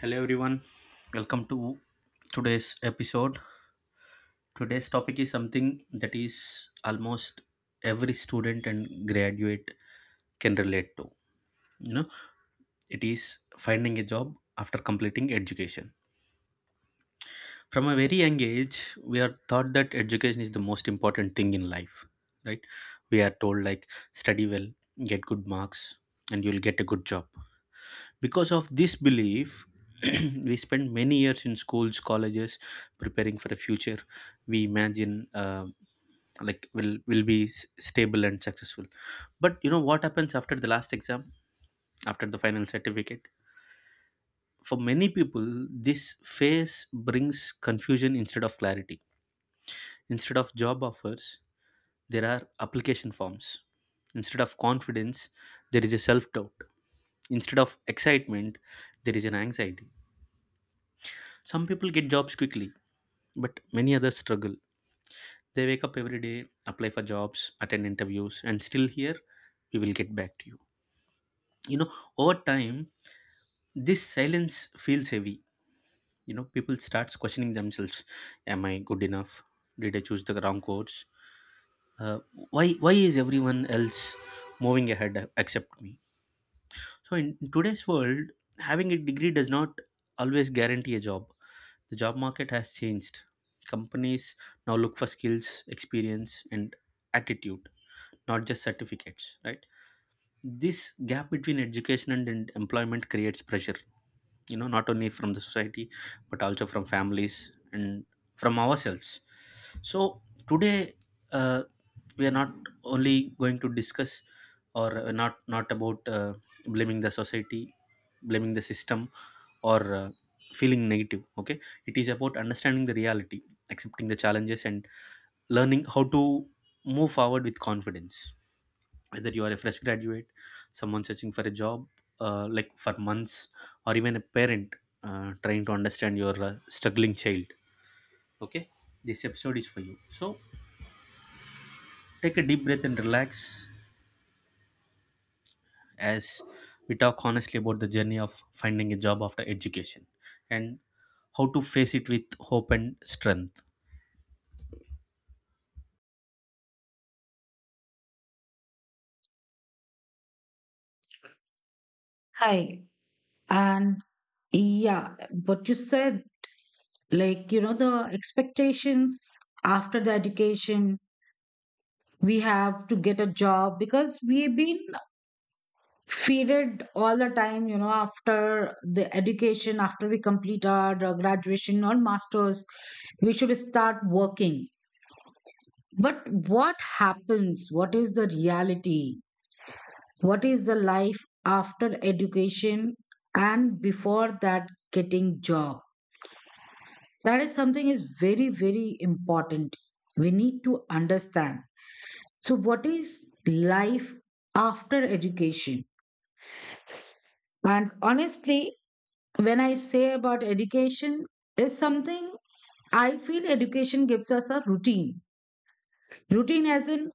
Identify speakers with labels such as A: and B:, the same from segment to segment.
A: Hello everyone, welcome to today's episode. Today's topic is something that is almost every student and graduate can relate to. You know, it is finding a job after completing education. From a very young age, we are taught that education is the most important thing in life, right? We are told like study well, get good marks, and you'll get a good job. Because of this belief we spend many years in schools, colleges, preparing for a future we imagine, like will be stable and successful. But you know what happens after the last exam, after the final certificate? For many people, this phase brings confusion instead of clarity. Instead of job offers, there are application forms. Instead of confidence, there is a self doubt. Instead of excitement, there is an anxiety. Some people get jobs quickly, but many others struggle. They wake up every day, apply for jobs, attend interviews, and still here, we will get back to you. You know, over time, this silence feels heavy. You know, people starts questioning themselves: Am I good enough? Did I choose the wrong course? Uh, Why is everyone else moving ahead except me? So in today's world, having a degree does not always guarantee a job. The job market has changed. Companies now look for skills, experience, and attitude, not just certificates, right? This gap between education and employment creates pressure, you know, not only from the society, but also from families and from ourselves. So today, uh, we are not only going to discuss or not not about blaming the society, blaming the system, or feeling negative. Okay, it is about understanding the reality, accepting the challenges, and learning how to move forward with confidence. Whether you are a fresh graduate, someone searching for a job, like for months, or even a parent trying to understand your struggling child, okay, this episode is for you. So take a deep breath and relax as we talk honestly about the journey of finding a job after education, and how to face it with hope and strength.
B: Hi. And yeah, what you said, like, you know, the expectations after the education, we have to get a job because we've been feeded all the time, after the education, after we complete our graduation or master's, we should start working. But what happens? What is the reality? What is the life after education and before that getting job? That is something is very very important, we need to understand. So what is life after education? And honestly, when I say about education, is something I feel education gives us a routine. Routine as in,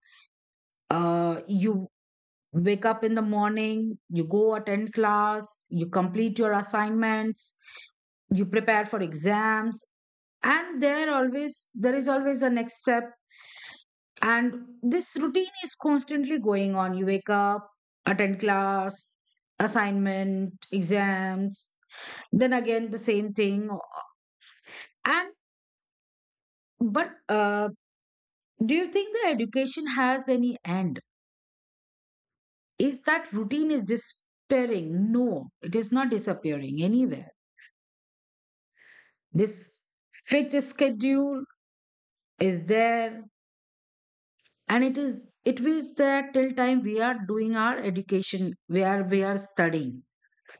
B: you wake up in the morning, you go attend class, you complete your assignments, you prepare for exams, and there is always a next step. And this routine is constantly going on. You wake up, attend class, assignment, exams, then again the same thing. And but do you think the education has any end? Is that routine is disappearing? No, it is not disappearing anywhere. This fixed schedule is there, and it is there till time we are doing our education, where we are studying.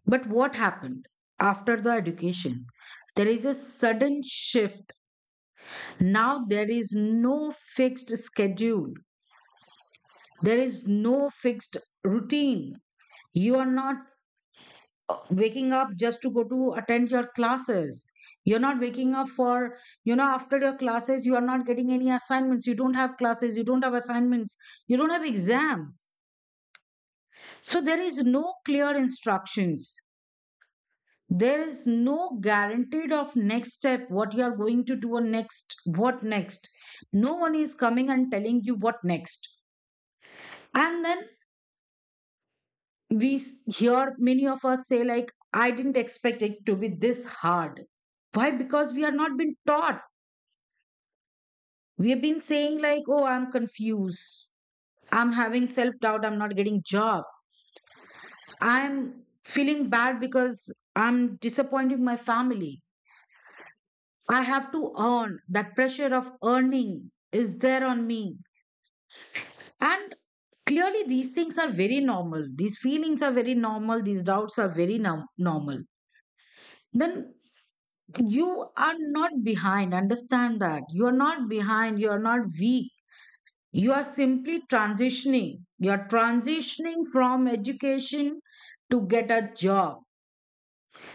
B: But what happened after the education? There is a sudden shift. Now there is no fixed schedule, there is no fixed routine. You are not waking up just to go to attend your classes. You're not waking up for, after your classes, you are not getting any assignments. You don't have classes, you don't have assignments, you don't have exams. So there is no clear instructions, there is no guaranteed of next step what you are going to do or next what next. No one is coming and telling you what next. And then we s- hear many of us say like I didn't expect it to be this hard. Why? Because we are not been taught. We have been saying like, oh, I'm confused, I'm having self doubt, I'm not getting job, I'm feeling bad because I'm disappointing my family. I have to earn. That pressure of earning is there on me. And clearly, these things are very normal. These feelings are very normal. These doubts are very normal. Then you are not behind. Understand that. You are not behind. You are not weak. You are simply transitioning. You are transitioning from education to get a job.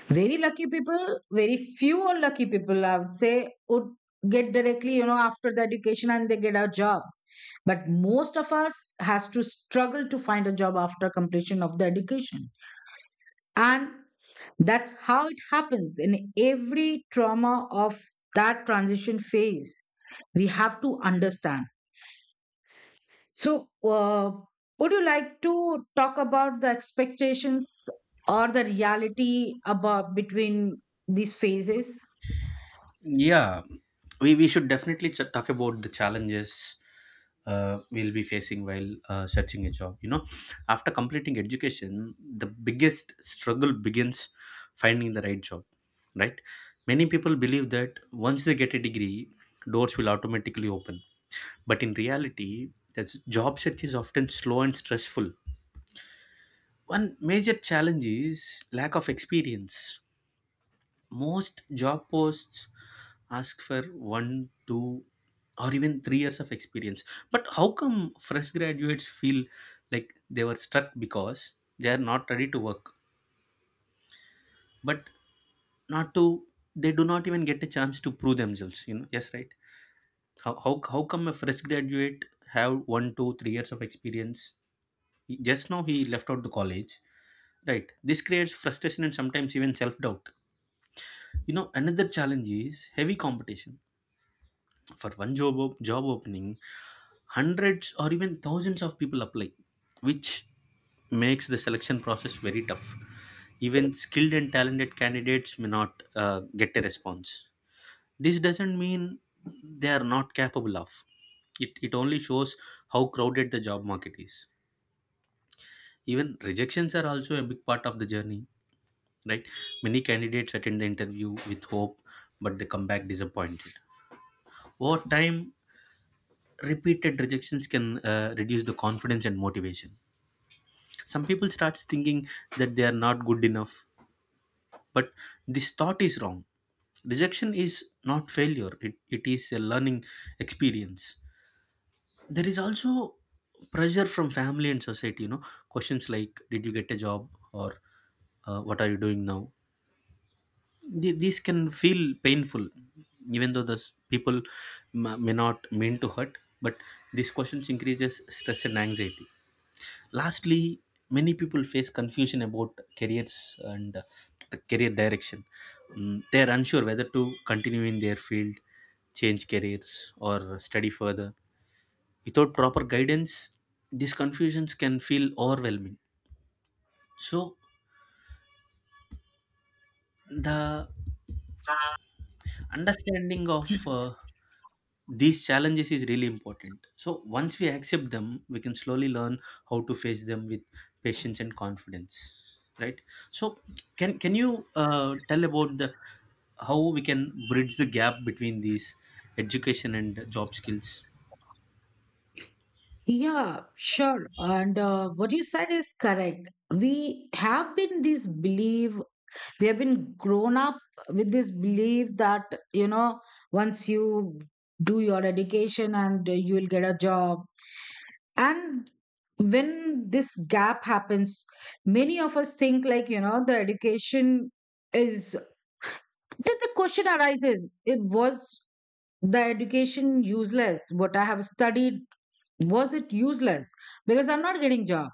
B: Very lucky people, very few or lucky people, I would say, would get directly, after the education and they get a job. But most of us has to struggle to find a job after completion of the education. And that's how it happens in every trauma of that transition phase. We have to understand. So, would you like to talk about the expectations or the reality about between these phases?
A: Yeah, we should definitely talk about the challenges we'll be facing while searching a job. You know, after completing education, the biggest struggle begins finding the right job, right? Many people believe that once they get a degree, doors will automatically open, but in reality the job search is often slow and stressful. One major challenge is lack of experience. Most job posts ask for 1, 2 or even 3 years of experience, but how come fresh graduates feel like they were stuck because they are not ready to work? But not to they do not even get a chance to prove themselves, you know? Yes, right. How come a fresh graduate have 1, 2, 3 years of experience? Just now he left out the college, right? This creates frustration and sometimes even self-doubt. You know, another challenge is heavy competition. For one job opening, hundreds or even thousands of people apply, which makes the selection process very tough. Even skilled and talented candidates may not get a response. This doesn't mean they are not capable of it, only shows how crowded the job market is. Even rejections are also a big part of the journey, right? Many candidates attend the interview with hope, but they come back disappointed. Over time, repeated rejections can reduce the confidence and motivation. Some people starts thinking that they are not good enough, but this thought is wrong. Rejection is not failure, it is a learning experience. There is also pressure from family and society, you know. Questions like did you get a job, or what are you doing now? These can feel painful even though the people ma may not mean to hurt, but these questions increases stress and anxiety. Lastly, many people face confusion about careers and the career direction. Mm, they are unsure whether to continue in their field, change careers, or study further. Without proper guidance, these confusions can feel overwhelming. So the understanding of these challenges is really important, so once we accept them we can slowly learn how to face them with patience and confidence, right? So can you tell about the how we can bridge the gap between these education and job skills?
B: Yeah, sure. And what you said is correct. We have been this belief, we have been grown up with this belief that, you know, once you do your education and you will get a job. And when this gap happens, many of us think like, the education is, then the question arises, it was the education useless? What I have studied, was it useless? Because I'm not getting job.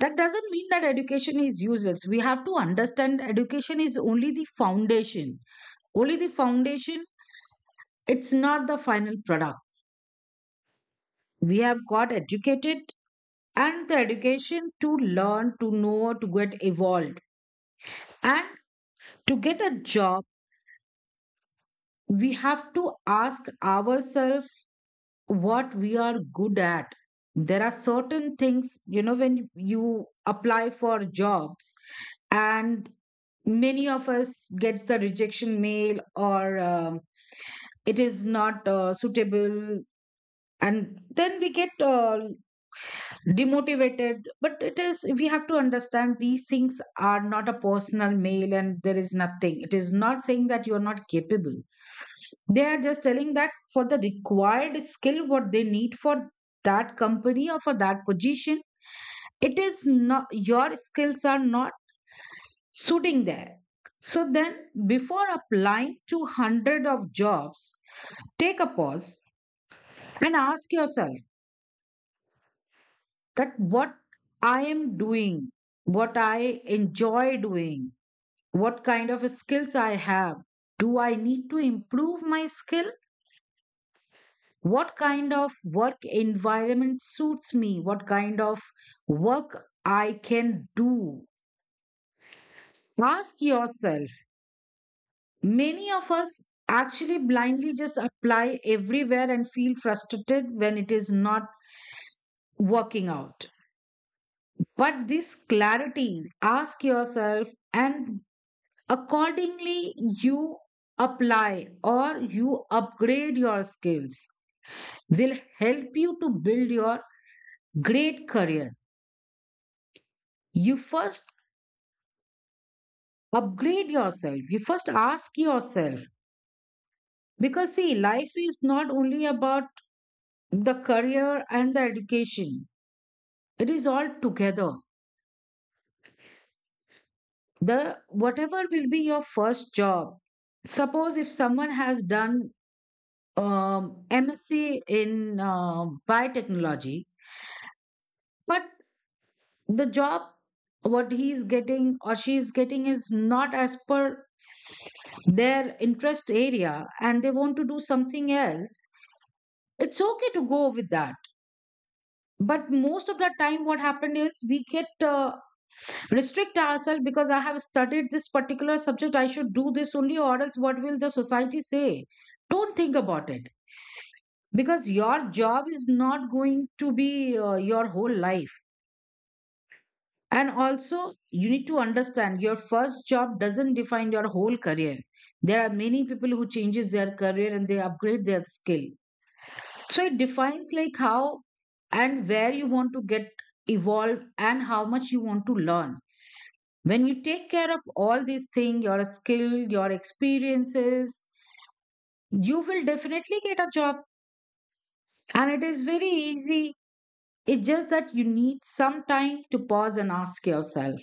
B: That doesn't mean that education is useless. We have to understand education is only the foundation. Only the foundation, it's not the final product. We have got educated and the education to learn, to know, to get evolved. And to get a job, we have to ask ourselves what we are good at. There are certain things, when you apply for jobs, and many of us gets the rejection mail or it is not suitable, and then we get demotivated, but it is we have to understand these things are not a personal mail and there is nothing, it is not saying that you are not capable. They are just telling that for the required skill what they need for that company or for that position, it is not your skills are not sitting there. So then, before applying to hundred of jobs, take a pause and ask yourself that what I am doing, what I enjoy doing, what kind of skills I have. Do I need to improve my skill? What kind of work environment suits me? What kind of work I can do? Ask yourself. Many of us actually blindly just apply everywhere and feel frustrated when it is not working out. But this clarity, ask yourself, and accordingly, you apply or you upgrade your skills, will help you to build your great career. You first upgrade yourself, you first ask yourself. Because, see, life is not only about the career and the education, it is all together. The whatever will be your first job, suppose if someone has done um, MSc in biotechnology, but the job what he is getting or she is getting is not as per their interest area and they want to do something else, it's okay to go with that. But most of the time what happened is we get restrict ourselves because I have studied this particular subject, I should do this only, or else what will the society say? Don't think about it, because your job is not going to be your whole life. And also, you need to understand your first job doesn't define your whole career. There are many people who changes their career and they upgrade their skill. So it defines like how and where you want to get evolved and how much you want to learn. When you take care of all these things, your skill, your experiences, you will definitely get a job. And it is very easy. It's just that you need some time to pause and ask yourself.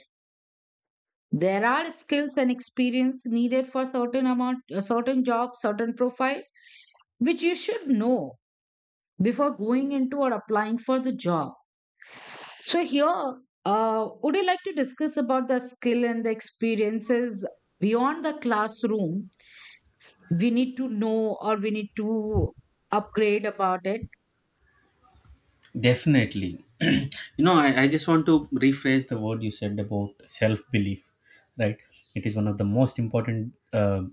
B: There are skills and experience needed for certain amount, a certain job, certain profile, which you should know before going into or applying for the job. So here, would you like to discuss about the skill and the experiences beyond the classroom we need to know or we need to upgrade about it?
A: Definitely. You know, I just want to rephrase the word you said about self belief, right? It is one of the most important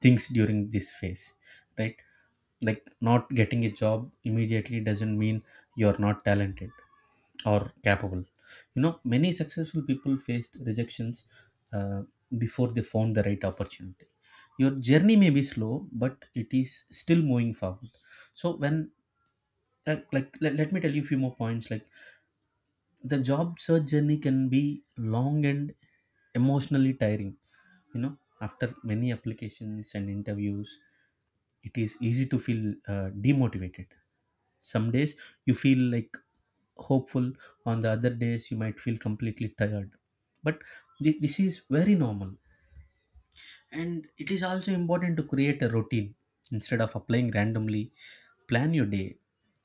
A: things during this phase, right? Like, not getting a job immediately doesn't mean you're not talented or capable. You know, many successful people faced rejections uh, before they found the right opportunity. Your journey may be slow, but it is still moving forward. So, when like let, let me tell you a few more points. Like, the job search journey can be long and emotionally tiring. You know, after many applications and interviews, it is easy to feel demotivated. Some days you feel like hopeful, on the other days you might feel completely tired, but this is very normal. And it is also important to create a routine instead of applying randomly. Plan your day,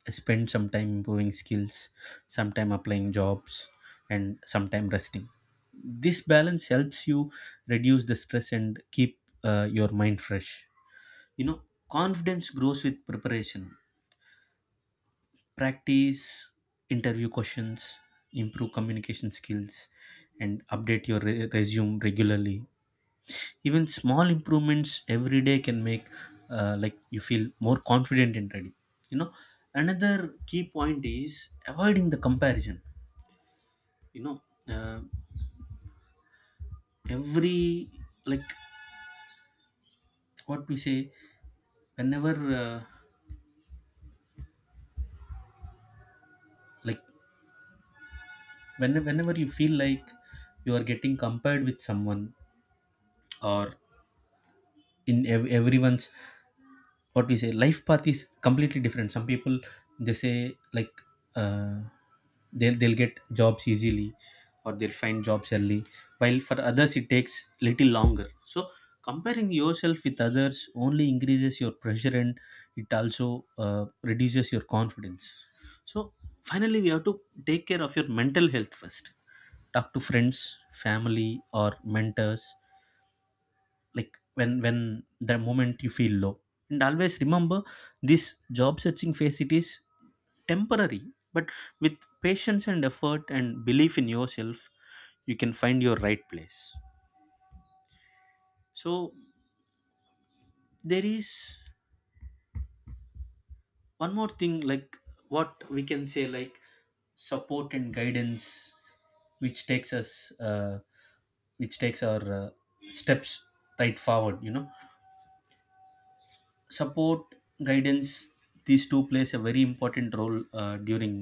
A: spend some time improving skills, some time applying jobs, and some time resting. This balance helps you reduce the stress and keep your mind fresh. You know, confidence grows with preparation. Practice interview questions, improve communication skills, and update your resume regularly. Even small improvements every day can make like you feel more confident and ready. You know, another key point is avoiding the comparison. You know, uh, every like what we say whenever uh, like when, whenever you feel like you are getting compared with someone, or in everyone's, what we say, life path is completely different. Some people, they say, like, uh, they'll get jobs easily, or they'll find jobs early, while for others it takes little longer. So comparing yourself with others only increases your pressure, and it also reduces your confidence. So, finally, we have to take care of your mental health first. Talk to friends, family, or mentors, like when the moment you feel low. And always remember, this job searching phase, it is temporary, but with patience and effort and belief in yourself, you can find your right place. So there is one more thing, like, what we can say, like support and guidance, which takes us uh, which takes our steps right forward. You know, support, guidance, these two plays a very important role during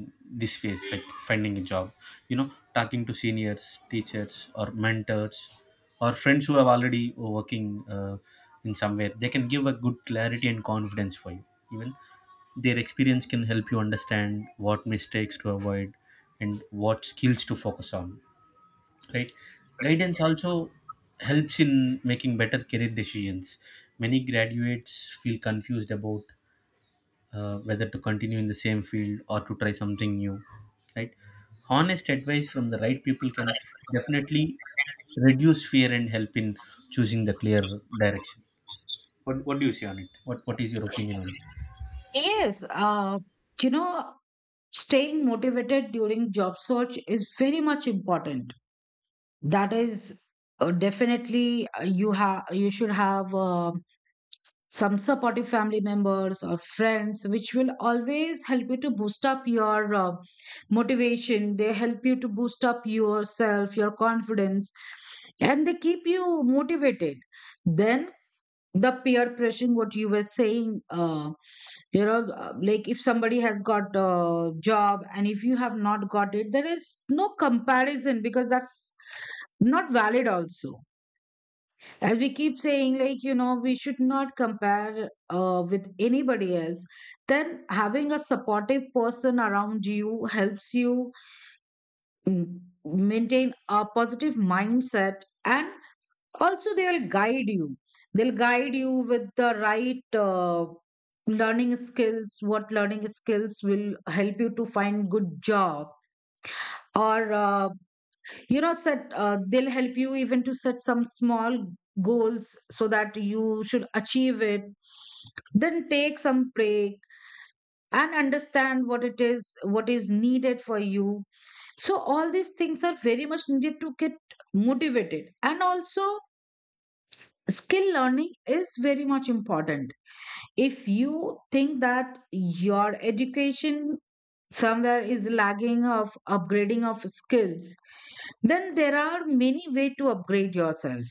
A: this phase, like finding a job. You know, talking to seniors, teachers, or mentors, or friends who have already working in somewhere, they can give a good clarity and confidence for you. Even their experience can help you understand what mistakes to avoid and what skills to focus on, right? Guidance also helps in making better career decisions. Many graduates feel confused about whether to continue in the same field or to try something new, right? Honest advice from the right people can definitely reduce fear and help in choosing the clear direction. What do you say on it? What is your opinion on
B: Yes, you know staying motivated during job search is very much important. That is, definitely, you should have some supportive family members or friends which will always help you to boost up your motivation. They help you to boost up yourself, your confidence, and they keep you motivated. Then the peer pressure what you were saying, like if somebody has got a job and if you have not got it, there is no comparison because that's not valid also. As we keep saying, like, we should not compare with anybody else. Then having a supportive person around you helps you mm, maintain a positive mindset, and also they will guide you. They'll guide you with the right learning skills, what learning skills will help you to find good job. Or, set they'll help you even to set some small goals so that you should achieve it. Then take some break and understand what it is, what is needed for you. So all these things are very much needed to get motivated. And also, skill learning is very much important. If you think that your education somewhere is lagging of upgrading of skills, then there are many way to upgrade yourself,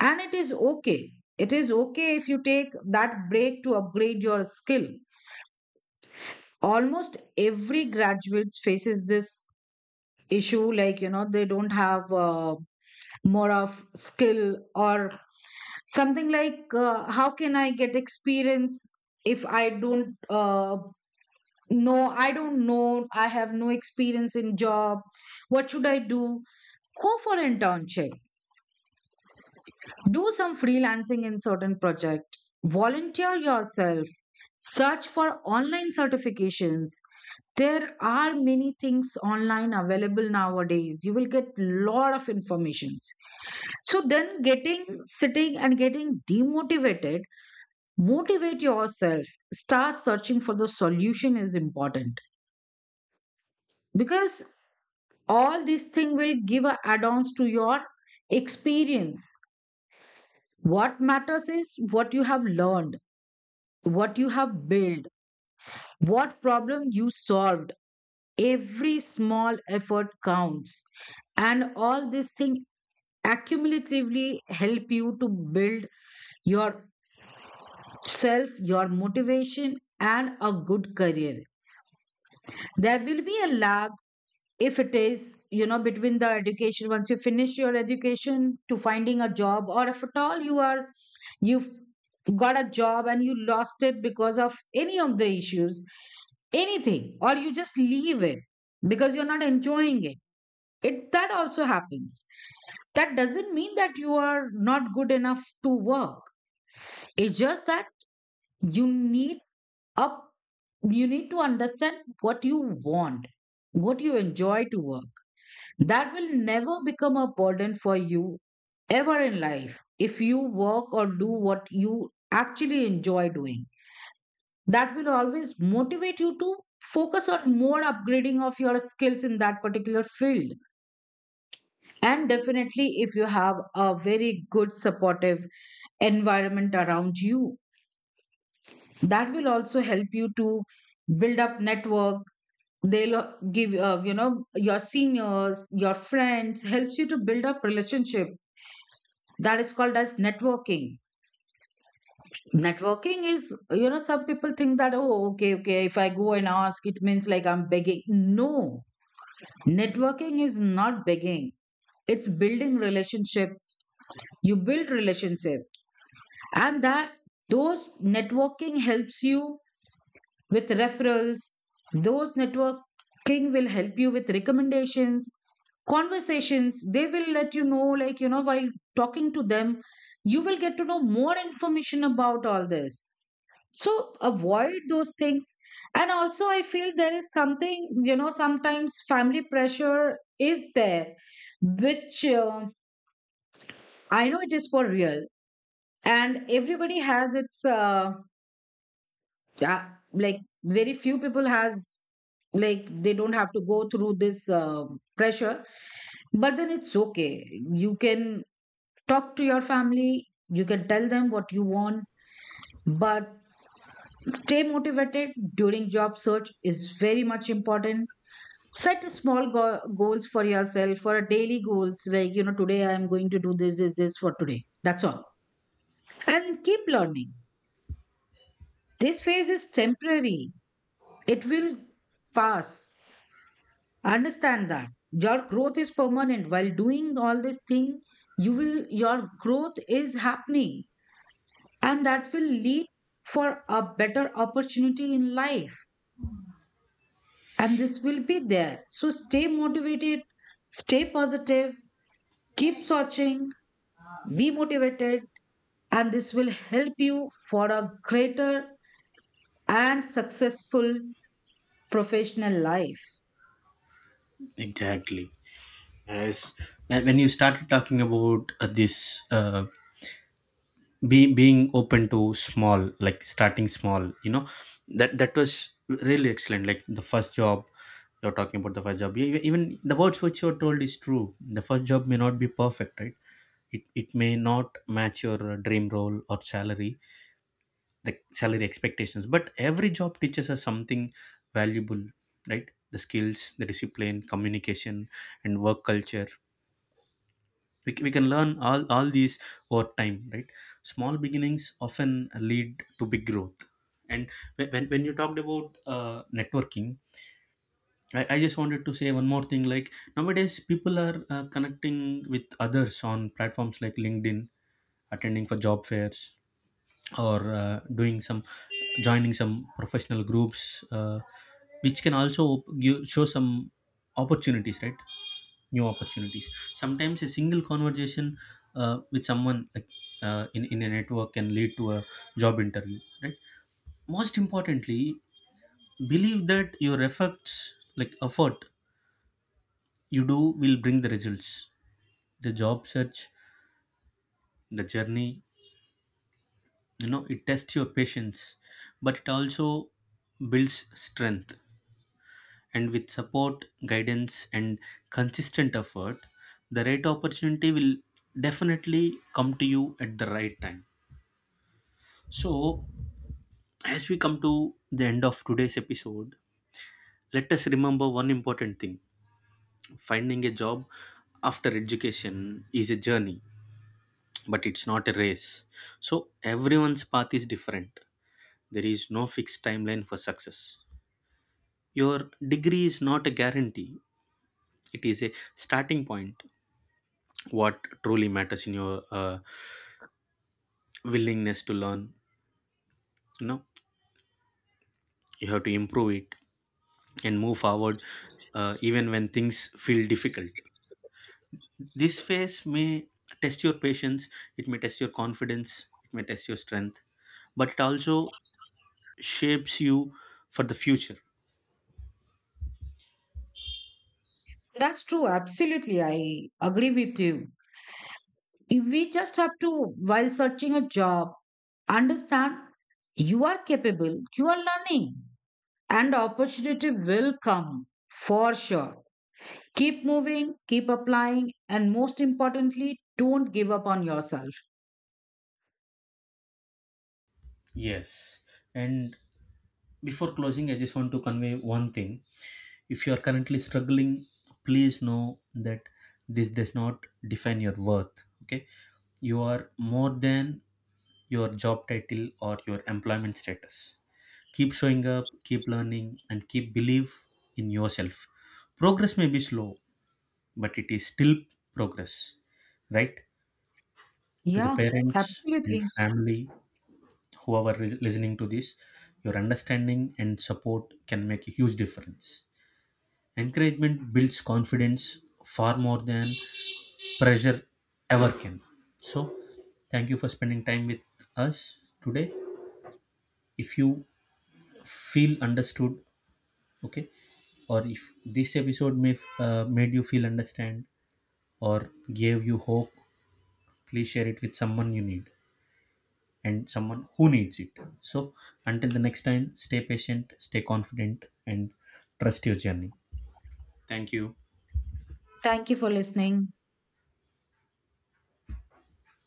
B: and it is okay. It is okay if you take that break to upgrade your skill. Almost every graduate faces this issue, like, they don't have more of skill or something, like, how can I get experience if I don't know, I don't know, I have no experience in job, what should I do? Go for internship, do some freelancing in certain project, volunteer yourself, search for online certifications. There are many things online available nowadays, you will get lot of informations. So then getting sitting and getting demotivated, motivate yourself, start searching for the solution is important. Because all these things will give a add-ons to your experience. What matters is what you have learned, what you have built, what problem you solved. Every small effort counts, and all these things accumulatively help you to build yourself, your motivation and a good career. There will be a lag if it is, between the education, once you finish your education to finding a job, or if at all you are you've got a job and you lost it because of any of the issues, anything, or you just leave it because you're not enjoying it, it that also happens. That doesn't mean that you are not good enough to work. It's just that you need up, you need to understand what you want, what you enjoy to work. That will never become a burden for you ever in life if you work or do what you actually enjoy doing. That will always motivate you to focus on more upgrading of your skills in that particular field. And definitely, if you have a very good supportive environment around you, that will also help you to build up network. They'll give, your seniors, your friends, helps you to build up relationship, that is called as networking. Networking is, some people think that, oh, okay, if I go and ask it means like I'm begging. No, networking is not begging, it's building relationships. You build relationship, and that those networking helps you with referrals. Those networking will help you with recommendations, conversations. They will let you know, like, while talking to them, you will get to know more information about all this. So avoid those things. And also, I feel there is something, sometimes family pressure is there, which I know it is for real. And everybody has its. Yeah, like very few people has, like they don't have to go through this pressure, but then it's okay. You can talk to your family, you can tell them what you want. But stay motivated during job search is very much important. Set a small goals for yourself, for a daily goals, like, today I am going to do this this this for today, that's all. And keep learning. This phase is temporary, it will pass. Understand that your growth is permanent. While doing all this thing, you will your growth is happening, and that will lead for a better opportunity in life. And this will be there. So stay motivated, stay positive, keep searching, be motivated, and this will help you for a greater and successful professional life.
A: it? Exactly. As when you started talking about uh, being open to small, like starting small, you know, that that was really excellent. Like the first job, you're talking about the first job, even the words which you're told is true. The first job may not be perfect, right? It may not match your dream role or salary, the salary expectations, but every job teaches us something valuable, right? The skills, the discipline, communication, and work culture, we can learn all these over time, right? Small beginnings often lead to big growth. And when you talked about networking, I just wanted to say one more thing, like nowadays people are connecting with others on platforms like LinkedIn, attending for job fairs, or doing some joining some professional groups which can also show some opportunities, right? New opportunities. Sometimes a single conversation with someone, like in a network, can lead to a job interview, right? Most importantly, believe that your efforts, like effort you do, will bring the results. The job search, the journey, you know, it tests your patience, but it also builds strength. And with support, guidance, and consistent effort, the right opportunity will definitely come to you at the right time. So, as we come to the end of today's episode, let us remember one important thing: finding a job after education is a journey, but it's not a race. So, everyone's path is different. There is no fixed timeline for success. Your degree is not a guarantee, it is a starting point. What truly matters in your willingness to learn, you know, you have to improve it and move forward even when things feel difficult. This phase may test your patience, it may test your confidence, it may test your strength, but it also shapes you for the future.
B: That's true, absolutely. I agree with you. If we just have to, while searching a job, understand you are capable, you are learning, and opportunity will come for sure. Keep moving, keep applying, and most importantly, don't give up on yourself.
A: Yes. And before closing, I just want to convey one thing. If you are currently struggling, please know that this does not define your worth. Okay. You are more than your job title or your employment status. Keep showing up, keep learning, and keep believe in yourself. Progress may be slow, but it is still progress, right? To the
B: Yeah,
A: parents and
B: absolutely.
A: family, whoever is listening to this, your understanding and support can make a huge difference. Encouragement builds confidence far more than pressure ever can. So, thank you for spending time with us today. If you feel understood, okay, or if this episode may made you feel understand, or gave you hope, please share it with someone you need, and someone who needs it. So, until the next time, stay patient, stay confident, and trust your journey. Thank you.
B: Thank you for listening.